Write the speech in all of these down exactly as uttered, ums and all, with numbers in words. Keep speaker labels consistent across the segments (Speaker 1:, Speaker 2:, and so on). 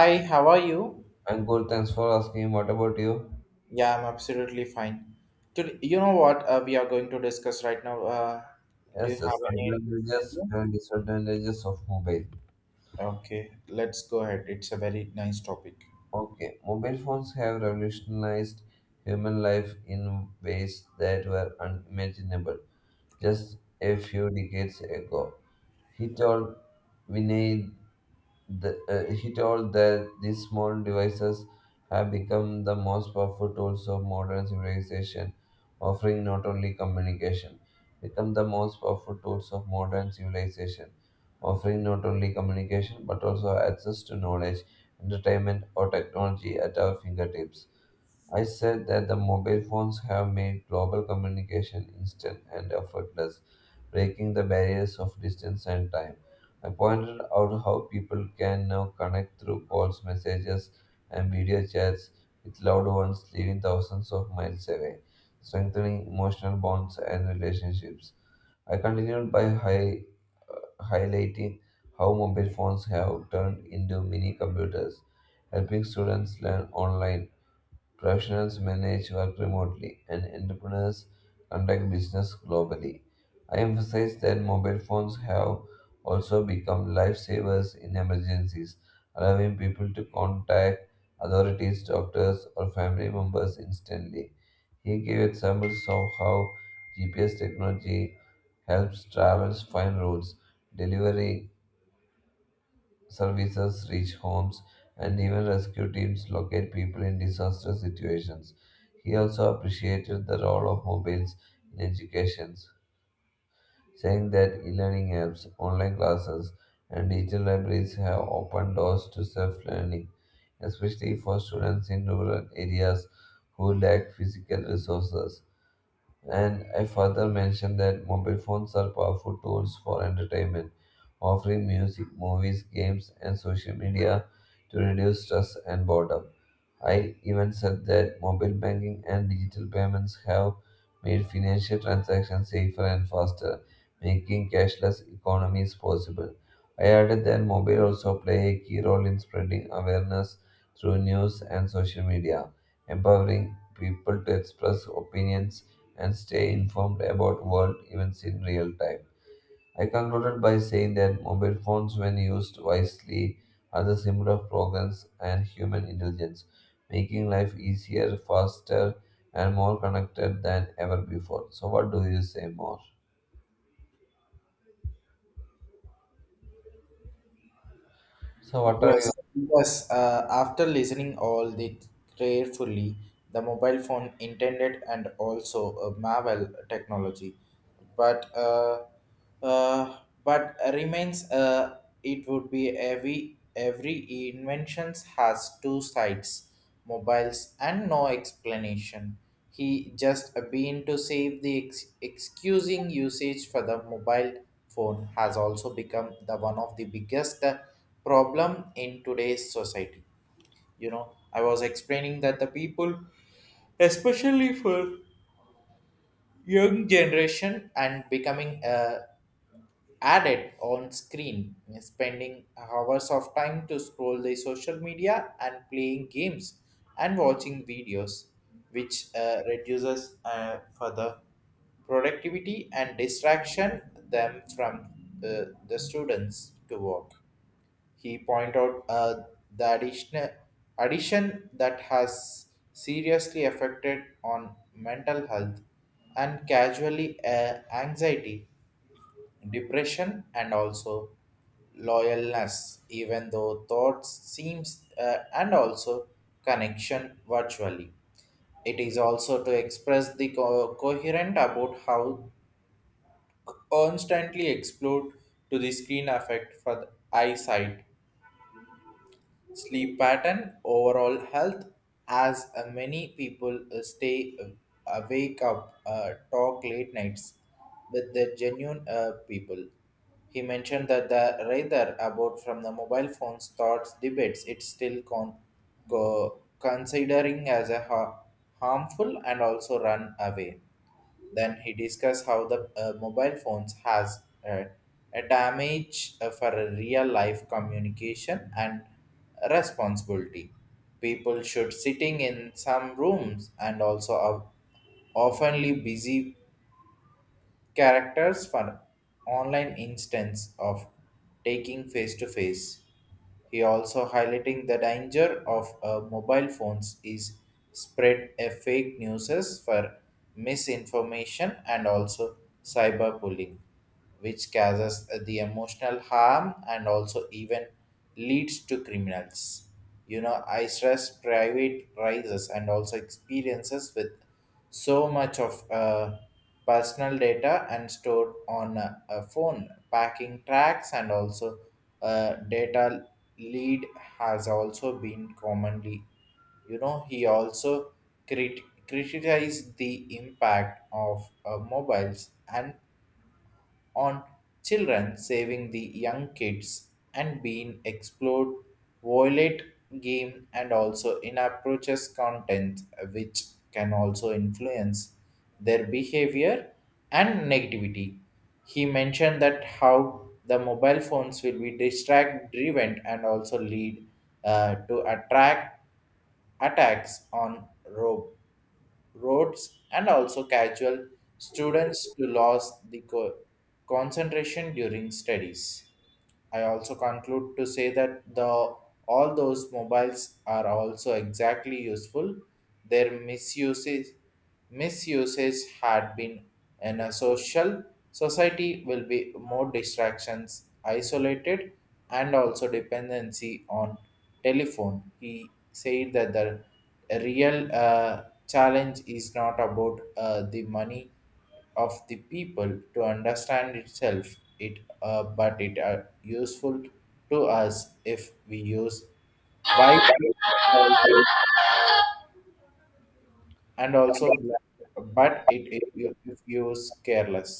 Speaker 1: Hi, how are you?
Speaker 2: I'm good, thanks for asking. What about you?
Speaker 1: Yeah, I'm absolutely fine. Today, you know what uh, we are going to discuss right now? Uh, do you
Speaker 2: Yes, yes,
Speaker 1: have any
Speaker 2: advantages
Speaker 1: idea?
Speaker 2: and disadvantages of mobile.
Speaker 1: Okay, let's go ahead. It's a very nice topic.
Speaker 2: Okay, mobile phones have revolutionized human life in ways that were unimaginable just a few decades ago. He told Vinay. The, uh, he told that these small devices have become the most powerful tools of modern civilization, offering not only communication, become the most powerful tools of modern civilization, offering not only communication but also access to knowledge, entertainment, or technology at our fingertips. I said that the mobile phones have made global communication instant and effortless, breaking the barriers of distance and time. I pointed out how people can now connect through calls, messages, and video chats with loved ones living thousands of miles away, strengthening emotional bonds and relationships. I continued by hi- highlighting how mobile phones have turned into mini computers, helping students learn online. Professionals manage work remotely, and entrepreneurs conduct business globally. I emphasize that mobile phones have also become lifesavers in emergencies, allowing people to contact authorities, doctors, or family members instantly. He gave examples of how G P S technology helps travelers find routes, delivery services reach homes, and even rescue teams locate people in disaster situations. He also appreciated the role of mobiles in education, saying that e learning apps, online classes, and digital libraries have opened doors to self learning, especially for students in rural areas who lack physical resources. And I further mentioned that mobile phones are powerful tools for entertainment, offering music, movies, games, and social media to reduce stress and boredom. I even said that mobile banking and digital payments have made financial transactions safer and faster, making cashless economies possible. I added that mobile also play a key role in spreading awareness through news and social media, empowering people to express opinions and stay informed about world events in real time. I concluded by saying that mobile phones, when used wisely, are the symbol of progress and human intelligence, making life easier, faster, and more connected than ever before. So, what do you say more? So, what are your
Speaker 1: Yes, yes. Uh, after listening all the carefully, the mobile phone intended and also a Marvel technology, but uh, uh, but remains, uh, it would be, every every inventions has two sides, mobiles and no explanation. He just been to save the ex- excusing usage for the mobile phone has also become the one of the biggest uh, problem in today's society. You know, I was explaining that the people, especially for young generation and becoming a added on screen, spending hours of time to scroll the social media and playing games and watching videos, which uh, reduces uh, further productivity and distraction them from the, the students to work. He point out uh, the additional addition that has seriously affected on mental health and casually uh, anxiety, depression, and also loyalness, even though thoughts seems, uh, and also connection virtually. It is also to express the co- coherent about how constantly explode to the screen effect for the eyesight, sleep pattern, overall health, as uh, many people uh, stay uh, awake up, uh, talk late nights with the genuine uh, people. He mentioned that the rather about from the mobile phones thoughts debates. It's still con- co- considering as a ha- harmful and also run away. Then he discussed how the uh, mobile phones has uh, a damage uh, for a real life communication and responsibility. People should sitting in some rooms and also are oftenly busy characters for online instance of taking face to face. He also highlighting the danger of uh, mobile phones is spread a fake news for misinformation and also cyberbullying, which causes the emotional harm and also even leads to criminals. You know, I stress private rises and also experiences with so much of uh, personal data and stored on a, a phone, packing tracks, and also uh, data lead has also been commonly. You know, he also crit- criticized the impact of uh, mobiles and on children, saving the young kids, and being explored violent game and also inappropriate content, which can also influence their behavior and negativity. He mentioned that how the mobile phones will be distract driven and also lead uh, to attract attacks on rob roads and also casual students to lose the co- concentration during studies. I also conclude to say that the all those mobiles are also exactly useful. Their misuses misuses had been in a social society will be more distractions, isolated, and also dependency on telephone. He said that the real uh, challenge is not about uh, the money of the people to understand itself it, uh, but it are useful to us if we use wisely and also black, but it, it you- if used careless,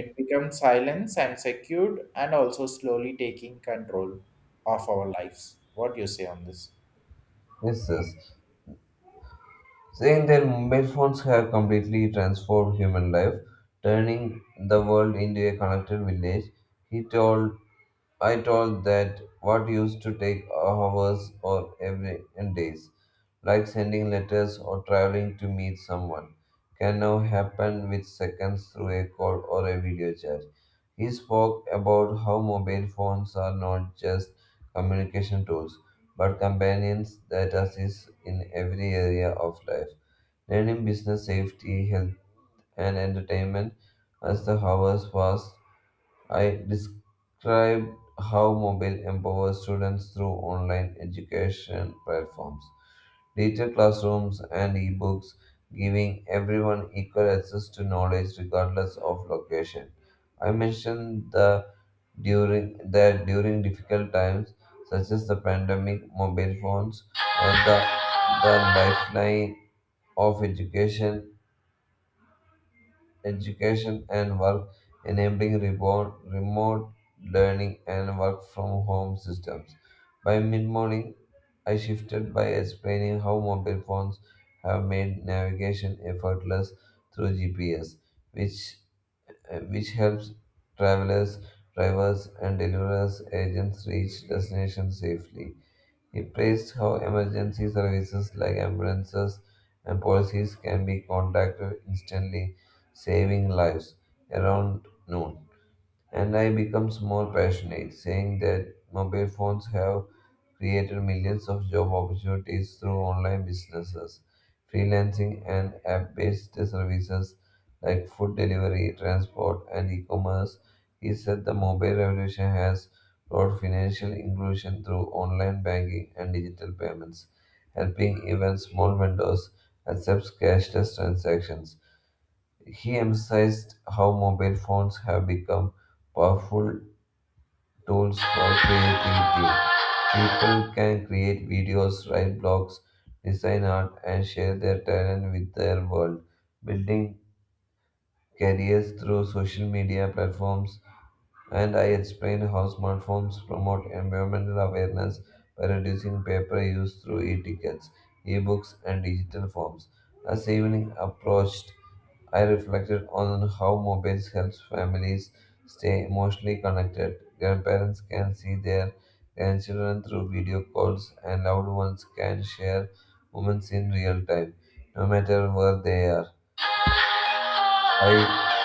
Speaker 1: it becomes silence and secured and also slowly taking control of our lives. What do you say on this?
Speaker 2: witnesses? Saying that mobile phones have completely transformed human life, turning the world into a connected village, he told I told that what used to take hours or every and days, like sending letters or traveling to meet someone, can now happen with seconds through a call or a video chat. He spoke about how mobile phones are not just communication tools, but companions that assist in every area of life. Learning business safety, health, and entertainment as the hours passed, I described how mobile empowers students through online education platforms, digital classrooms, and ebooks, giving everyone equal access to knowledge regardless of location. I mentioned the during that during difficult times such as the pandemic, mobile phones, and the, the lifeline of education education and work, enabling remote, remote learning and work from home systems. By mid morning, I shifted by explaining how mobile phones have made navigation effortless through G P S, which uh, which helps travelers, drivers, and deliverers agents reach destinations safely. He praised how emergency services like ambulances and policies can be contacted instantly, saving lives around noon. And I becomes more passionate, saying that mobile phones have created millions of job opportunities through online businesses, freelancing, and app based services like food delivery, transport, and e commerce. He said the mobile revolution has brought financial inclusion through online banking and digital payments, helping even small vendors accept cashless transactions. He emphasized how mobile phones have become powerful tools for creativity. People can create videos, write blogs, design art, and share their talent with their world, building careers through social media platforms. And I explained how smartphones promote environmental awareness by reducing paper use through e-tickets, e-books, and digital forms. As evening approached, I reflected on how mobiles helps families stay emotionally connected. Grandparents can see their grandchildren through video calls, and loved ones can share moments in real time, no matter where they are. I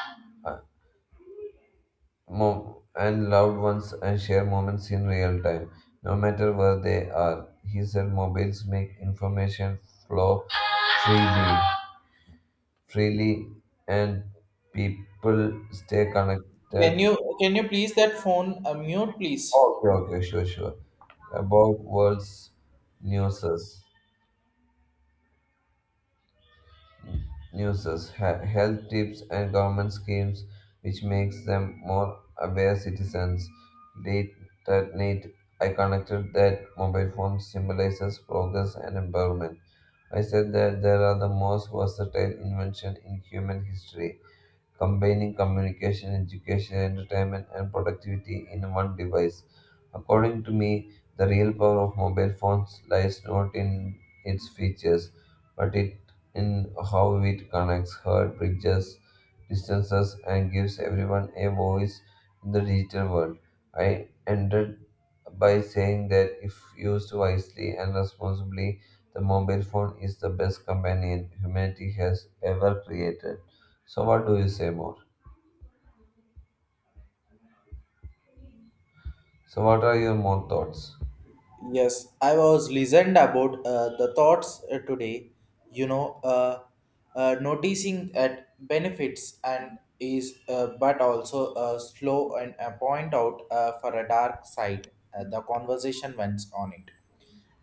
Speaker 2: mom and loved ones and share moments in real time, no matter where they are. He said mobiles make information flow freely, freely, and people stay
Speaker 1: can
Speaker 2: connected.
Speaker 1: you can you please that phone uh, mute, please?
Speaker 2: Okay, okay, sure, sure. About world's newses. Newses, he- health tips and government schemes which makes them more aware citizens. Late that night, I connected that mobile phone symbolizes progress and empowerment. I said that there are the most versatile invention in human history combining communication, education, entertainment, and productivity in one device. According to me, the real power of mobile phones lies not in its features, but it in how it connects, hurt bridges, distances, and gives everyone a voice in the digital world. I ended by saying that if used wisely and responsibly, the mobile phone is the best companion humanity has ever created. So what do you say more? So what are your more thoughts?
Speaker 1: Yes, I was listened about uh, the thoughts uh, today. You know, uh, uh, Noticing at benefits and is, uh, but also uh, slow and uh, point out uh, for a dark side. Uh, the conversation went on it.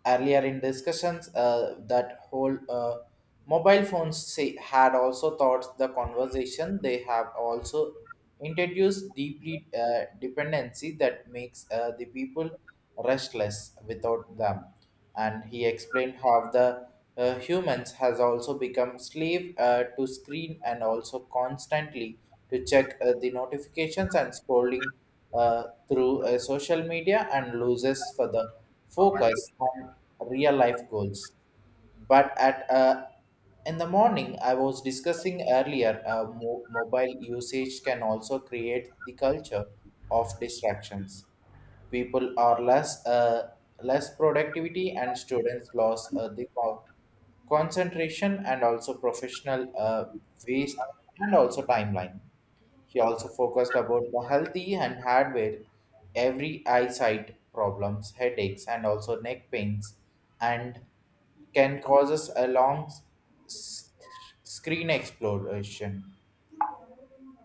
Speaker 1: Earlier in discussions, uh, that whole uh, mobile phones say, had also thought the conversation. They have also introduced deeply uh, dependency that makes uh, the people restless without them. And he explained how the uh, humans has also become slave uh, to screen and also constantly to check uh, the notifications and scrolling uh, through uh, social media and loses for the focus on real life goals. But at uh, in the morning I was discussing earlier, uh, mo- mobile usage can also create the culture of distractions. People are less uh, less productivity, and students lose uh, the co- concentration and also professional uh, waste and also timeline. He also focused about the healthy and hardware, every eyesight problems, headaches, and also neck pains, and can causes a long s- screen exploration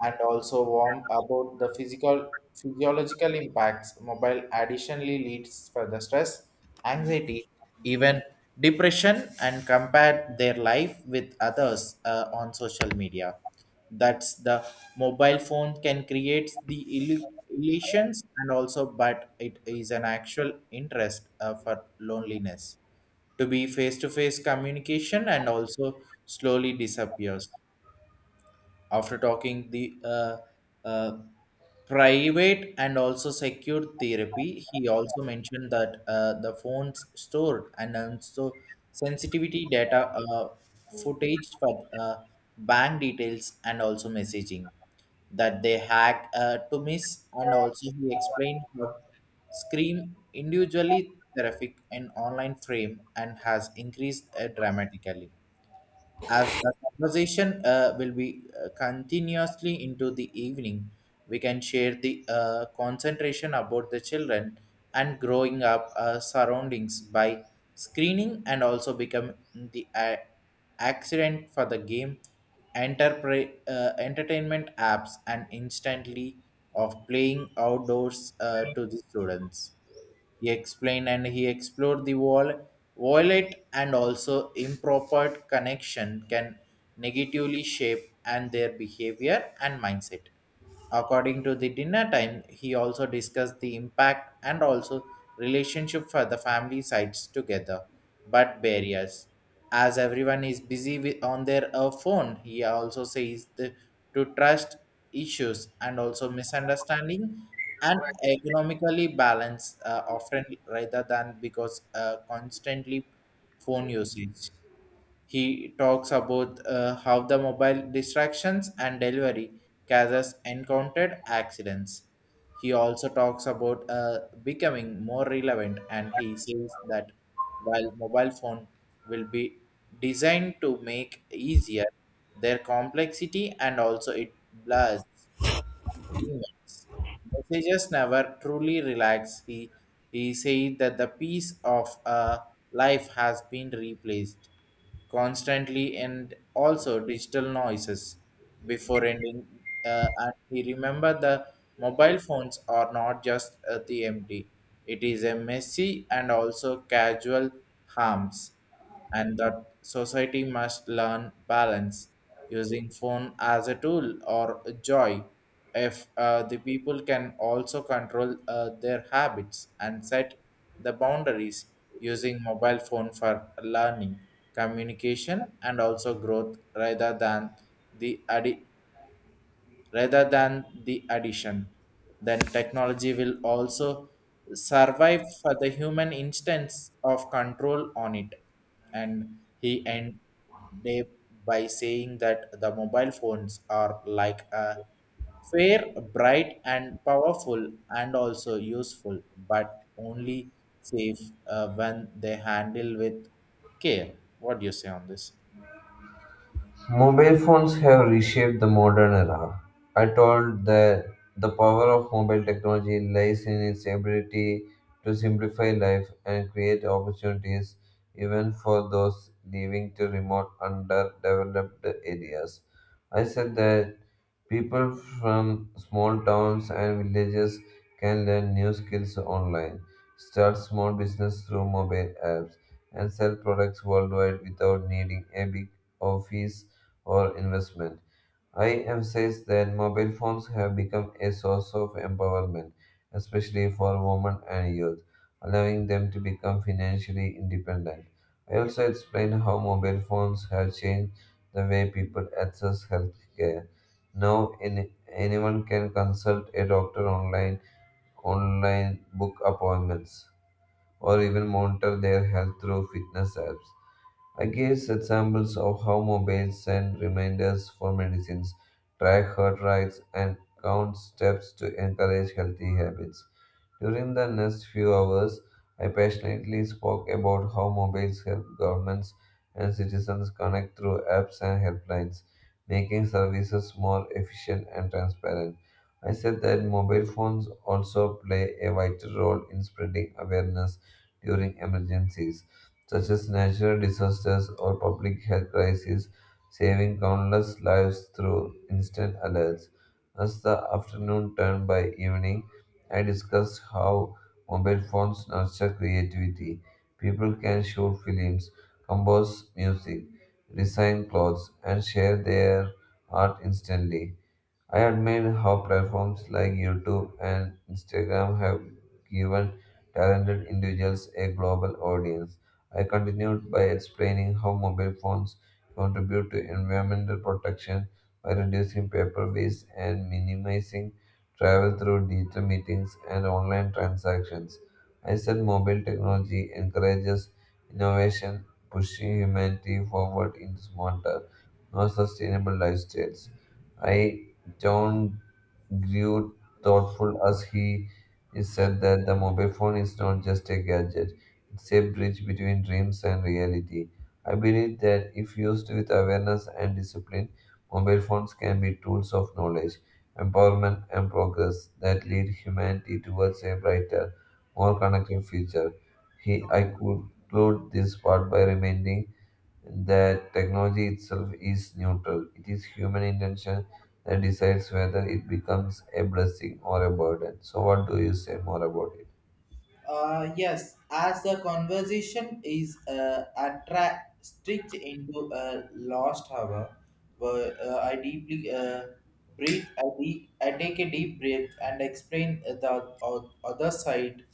Speaker 1: and also warm about the physical physiological impacts. Mobile additionally leads further stress, anxiety, even depression, and compare their life with others uh, on social media. That's the mobile phone can create the illu- illusions, and also, but it is an actual interest uh, for loneliness to be face to face communication and also slowly disappears after talking the uh, uh, private and also secure therapy. He also mentioned that uh, the phones stored and also sensitivity data, uh, footage for uh, bank details and also messaging that they hack uh, to miss. And also he explained how scream individually terrific and online frame and has increased uh, dramatically. As the conversation uh, will be uh, continuously into the evening, we can share the uh, concentration about the children and growing up uh, surroundings by screening and also become the uh, accident for the game, enterpri- uh, entertainment apps, and instantly of playing outdoors uh, to the students. He explained and he explored the wall, wallet and also improper connection can negatively shape and their behavior and mindset. According to the dinner time, he also discussed the impact and also relationship for the family sides together, but barriers. As everyone is busy with, on their uh, phone, he also says the, to trust issues and also misunderstanding and economically balanced uh, often rather than because uh, constantly phone usage. He talks about uh, how the mobile distractions and delivery causes encountered accidents. He also talks about uh, becoming more relevant, and he says that while mobile phone will be designed to make easier, their complexity and also it blurs events. Messages never truly relax. He, he said that the peace of a life has been replaced constantly and also digital noises before ending. Uh, and he remember the mobile phones are not just uh, the empty. It is a messy and also casual harms, and that society must learn balance using phone as a tool or a joy, if uh, the people can also control uh, their habits and set the boundaries using mobile phone for learning, communication, and also growth rather than the addi- rather than the addition. Then technology will also survive for the human instance of control on it. And he end day by saying that the mobile phones are like a fair, bright, and powerful, and also useful, but only safe uh, when they handle with care. What do you say on this?
Speaker 2: Mobile phones have reshaped the modern era. I told that the power of mobile technology lies in its ability to simplify life and create opportunities even for those living to remote underdeveloped areas. I said that people from small towns and villages can learn new skills online, start small business through mobile apps, and sell products worldwide without needing a big office or investment. I emphasize that mobile phones have become a source of empowerment, especially for women and youth, allowing them to become financially independent. I also explain how mobile phones have changed the way people access healthcare. Now, any, anyone can consult a doctor online, online book appointments, or even monitor their health through fitness apps. I guess examples of how mobiles send reminders for medicines, track heart rates, and count steps to encourage healthy habits. During the next few hours, I passionately spoke about how mobiles help governments and citizens connect through apps and helplines, making services more efficient and transparent. I said that mobile phones also play a vital role in spreading awareness during emergencies such as natural disasters or public health crises, saving countless lives through instant alerts. As the afternoon turned by evening, I discussed how mobile phones nurture creativity. People can shoot films, compose music, design clothes, and share their art instantly. I admire how platforms like YouTube and Instagram have given talented individuals a global audience. I continued by explaining how mobile phones contribute to environmental protection by reducing paper waste and minimizing travel through digital meetings and online transactions. I said mobile technology encourages innovation, pushing humanity forward into smarter, more sustainable lifestyles. I don't Grew thoughtful as he is said that the mobile phone is not just a gadget, it's a bridge between dreams and reality. I believe that if used with awareness and discipline, mobile phones can be tools of knowledge, empowerment, and progress that lead humanity towards a brighter, more connected future. He, I conclude this part by reminding that technology itself is neutral. It is human intention that decides whether it becomes a blessing or a burden. So, what do you say more about it?
Speaker 1: Uh, yes, as the conversation is uh, attra- stretched into a lost hour, where, uh, I deeply uh, breathe, I, de- I take a deep breath and explain the o- other side.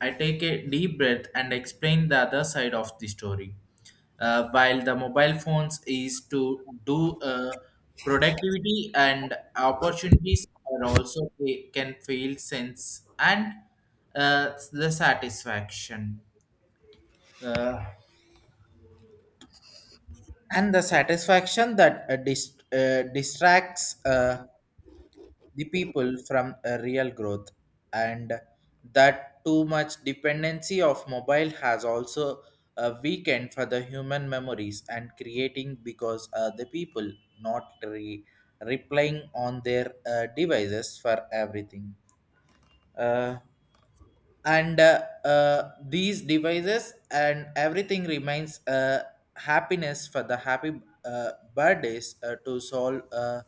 Speaker 1: I take a deep breath and explain the other side of the story. Uh, while the mobile phones is to do uh, productivity and opportunities are also they can feel sense and uh, the satisfaction uh, and the satisfaction that uh, dis- uh, distracts. Uh, the people from a real growth, and that too much dependency of mobile has also a weekend for the human memories and creating, because uh, the people not re- replying on their uh, devices for everything, uh, and uh, uh, these devices and everything remains uh, happiness for the happy uh, birthdays uh, to solve uh,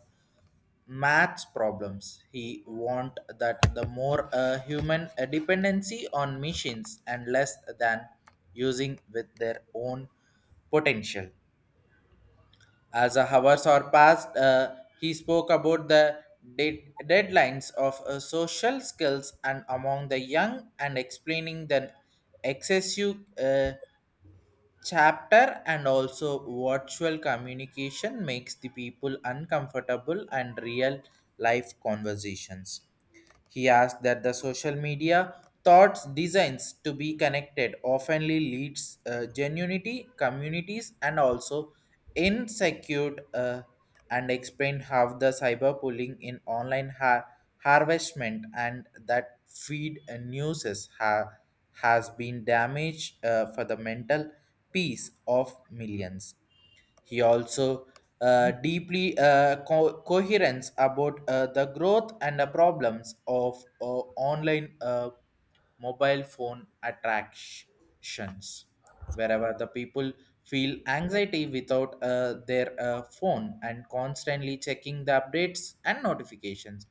Speaker 1: maths problems. He want that the more uh, human uh, dependency on machines and less than using with their own potential. As the hours are passed, uh, he spoke about the de- deadlines of uh, social skills and among the young and explaining the excessive uh, chapter and also virtual communication makes the people uncomfortable and real life conversations. He asked that the social media thoughts designs to be connected oftenly leads uh, genuinity communities and also insecure, uh, and explained how the cyber bullying in online har- harvestment and that feed uh, newses ha- has been damaged uh, for the mental peace of millions. He also uh, deeply uh, co- coherence about uh, the growth and the problems of uh, online uh, mobile phone attractions, wherever the people feel anxiety without uh, their uh, phone and constantly checking the updates and notifications.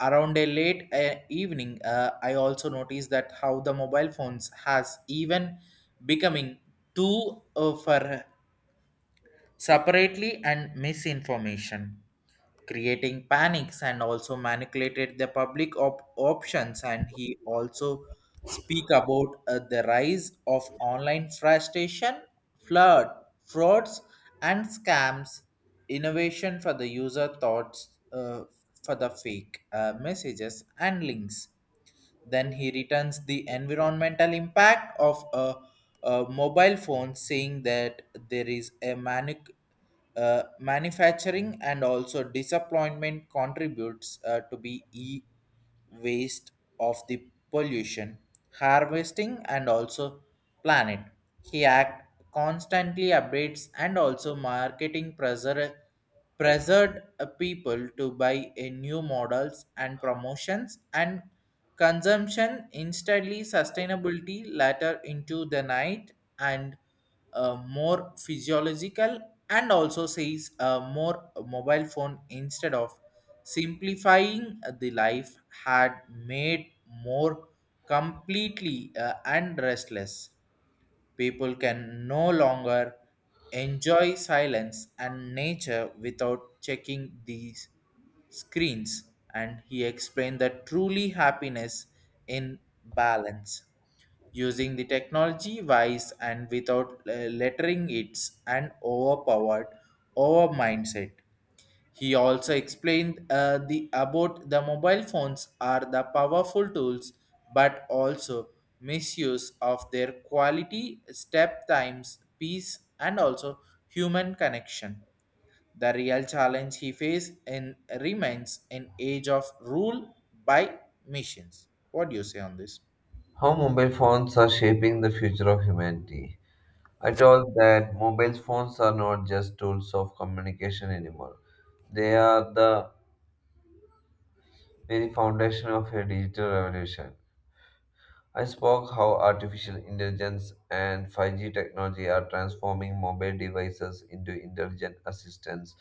Speaker 1: Around a late uh, evening, uh, I also noticed that how the mobile phones has even becoming too uh, for separately and misinformation, creating panics and also manipulated the public op- options. And he also speak about uh, the rise of online frustration, flood, frauds, and scams. Innovation for the user thoughts uh, for the fake uh, messages and links. Then he returns the environmental impact of a, a mobile phone, saying that there is a manu, uh, manufacturing and also disappointment contributes uh, to be e waste of the pollution, harvesting, and also planet. He act constantly updates and also marketing pressure pressured uh, people to buy a new models and promotions and consumption instantly sustainability later into the night. And uh, more physiological and also says uh, more mobile phone instead of simplifying the life had made more completely uh, and restless. People can no longer enjoy silence and nature without checking these screens. And he explained that truly happiness in balance using the technology wise and without uh, lettering its and overpowered over mindset. He also explained uh, the about the mobile phones are the powerful tools, but also misuse of their quality, step times, peace, and also human connection. The real challenge he faced in remains in age of rule by machines. What do you say on this?
Speaker 2: How mobile phones are shaping the future of humanity. I told that mobile phones are not just tools of communication anymore. They are the very foundation of a digital revolution. I spoke how artificial intelligence and five G technology are transforming mobile devices into intelligent assistants.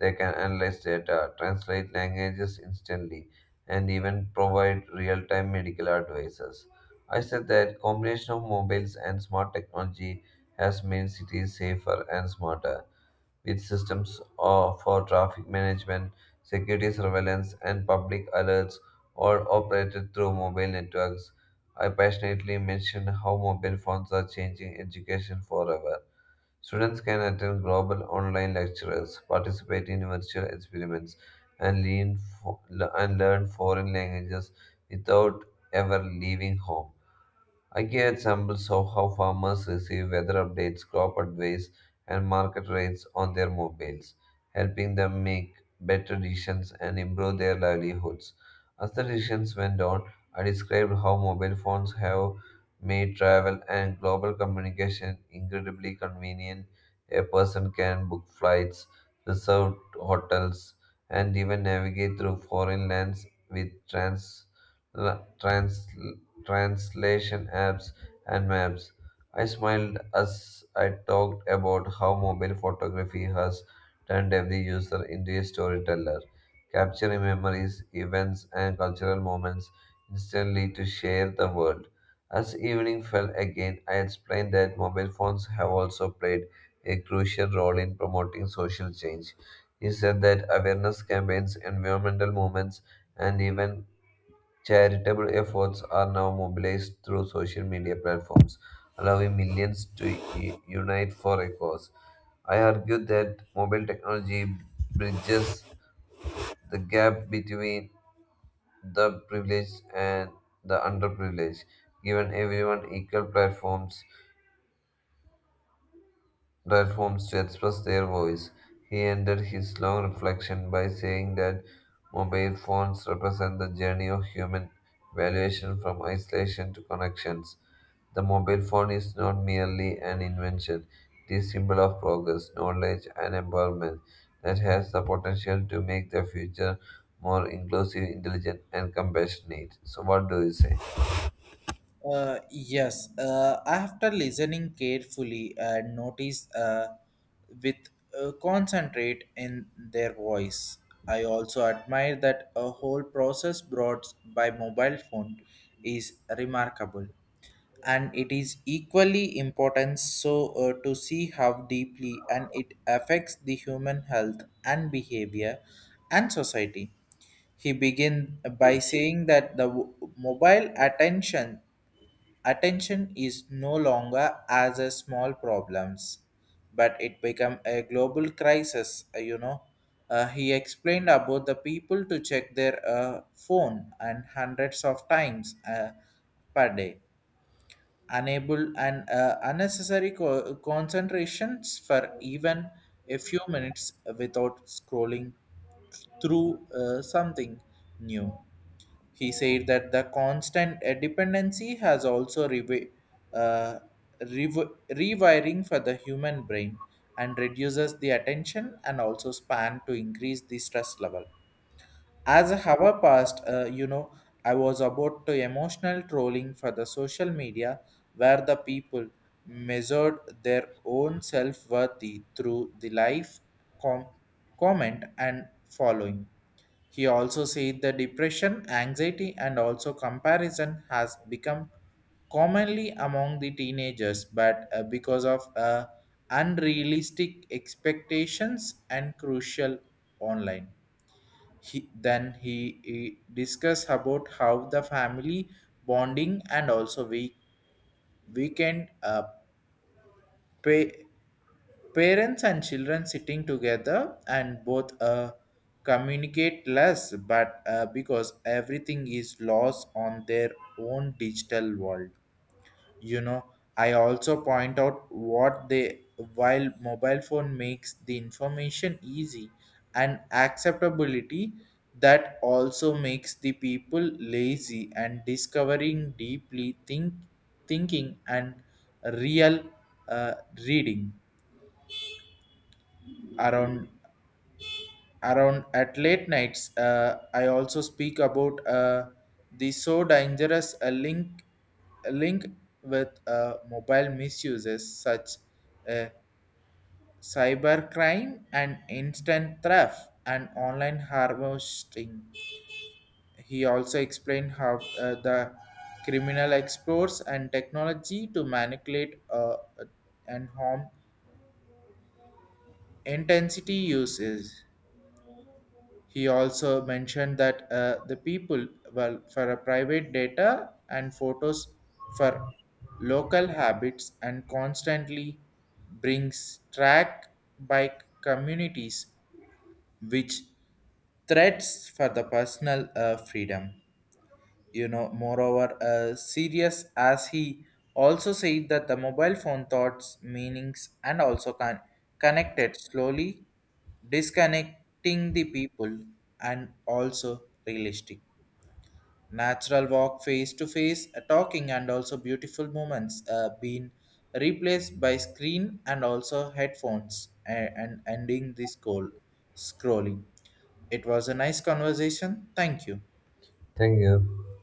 Speaker 2: They can analyze data, translate languages instantly, and even provide real-time medical advices. I said that combination of mobiles and smart technology has made cities safer and smarter, with systems of, for traffic management, security surveillance, and public alerts all operated through mobile networks. I passionately mentioned how mobile phones are changing education forever. Students can attend global online lectures, participate in virtual experiments, and learn, and learn foreign languages without ever leaving home. I give examples of how farmers receive weather updates, crop advice, and market rates on their mobiles, helping them make better decisions and improve their livelihoods. As the decisions went on, I described how mobile phones have made travel and global communication incredibly convenient. A person can book flights, reserve hotels, and even navigate through foreign lands with trans- translators translation apps, and maps. I smiled as I talked about how mobile photography has turned every user into a storyteller, capturing memories, events, and cultural moments instantly to share the world. As evening fell again, I explained that mobile phones have also played a crucial role in promoting social change. He said that awareness campaigns, environmental movements, and even charitable efforts are now mobilized through social media platforms, allowing millions to u- unite for a cause. I argue that mobile technology bridges the gap between the privileged and the underprivileged, giving everyone equal platforms platforms to express their voice. He ended his long reflection by saying that mobile phones represent the journey of human evaluation from isolation to connections. The mobile phone is not merely an invention, it is symbol of progress, knowledge and empowerment that has the potential to make the future more inclusive, intelligent and compassionate. So what do you say?
Speaker 1: Uh, yes, uh, after listening carefully and notice uh, with uh, concentrate in their voice, I also admire that a whole process brought by mobile phone is remarkable, and it is equally important so uh, to see how deeply and it affects the human health and behavior and society. He began by saying that the w- mobile attention Attention is no longer as a small problems, but it become a global crisis. uh, You know, Uh, he explained about the people to check their uh, phone and hundreds of times uh, per day, unable and uh, unnecessary co- concentrations for even a few minutes without scrolling through uh, something new. He said that the constant uh, dependency has also revi- uh, rev- rewiring for the human brain and reduces the attention and also span to increase the stress level. As a hour passed, uh, you know, I was about to emotional trolling for the social media where the people measured their own self worthy through the life com- comment and following. He also said the depression, anxiety, and also comparison has become commonly among the teenagers, but uh, because of uh, unrealistic expectations and crucial online. He, then he, he discussed about how the family bonding and also we weekend, uh, pa- parents and children sitting together and both uh, communicate less, but uh, because everything is lost on their own digital world. You know, I also point out what they, while mobile phone makes the information easy and acceptability, that also makes the people lazy and discovering deeply think thinking and real, uh, reading around around at late nights. uh, I also speak about uh, the so dangerous uh, link uh, link with uh, mobile misuses such, uh, cyber crime and instant theft and online harvesting. He also explained how uh, the criminal explores and technology to manipulate uh, and harm intensity uses. He also mentioned that uh, the people well for a private data and photos for local habits and constantly brings track by communities, which threats for the personal uh, freedom. You know, moreover uh, serious as he also said that the mobile phone thoughts meanings and also con- connected slowly disconnecting the people and also realistic natural walk, face to face uh, talking, and also beautiful moments uh, being replaced by screen and also headphones, and, and ending this goal scrolling. It was a nice conversation, thank you.
Speaker 2: Thank you.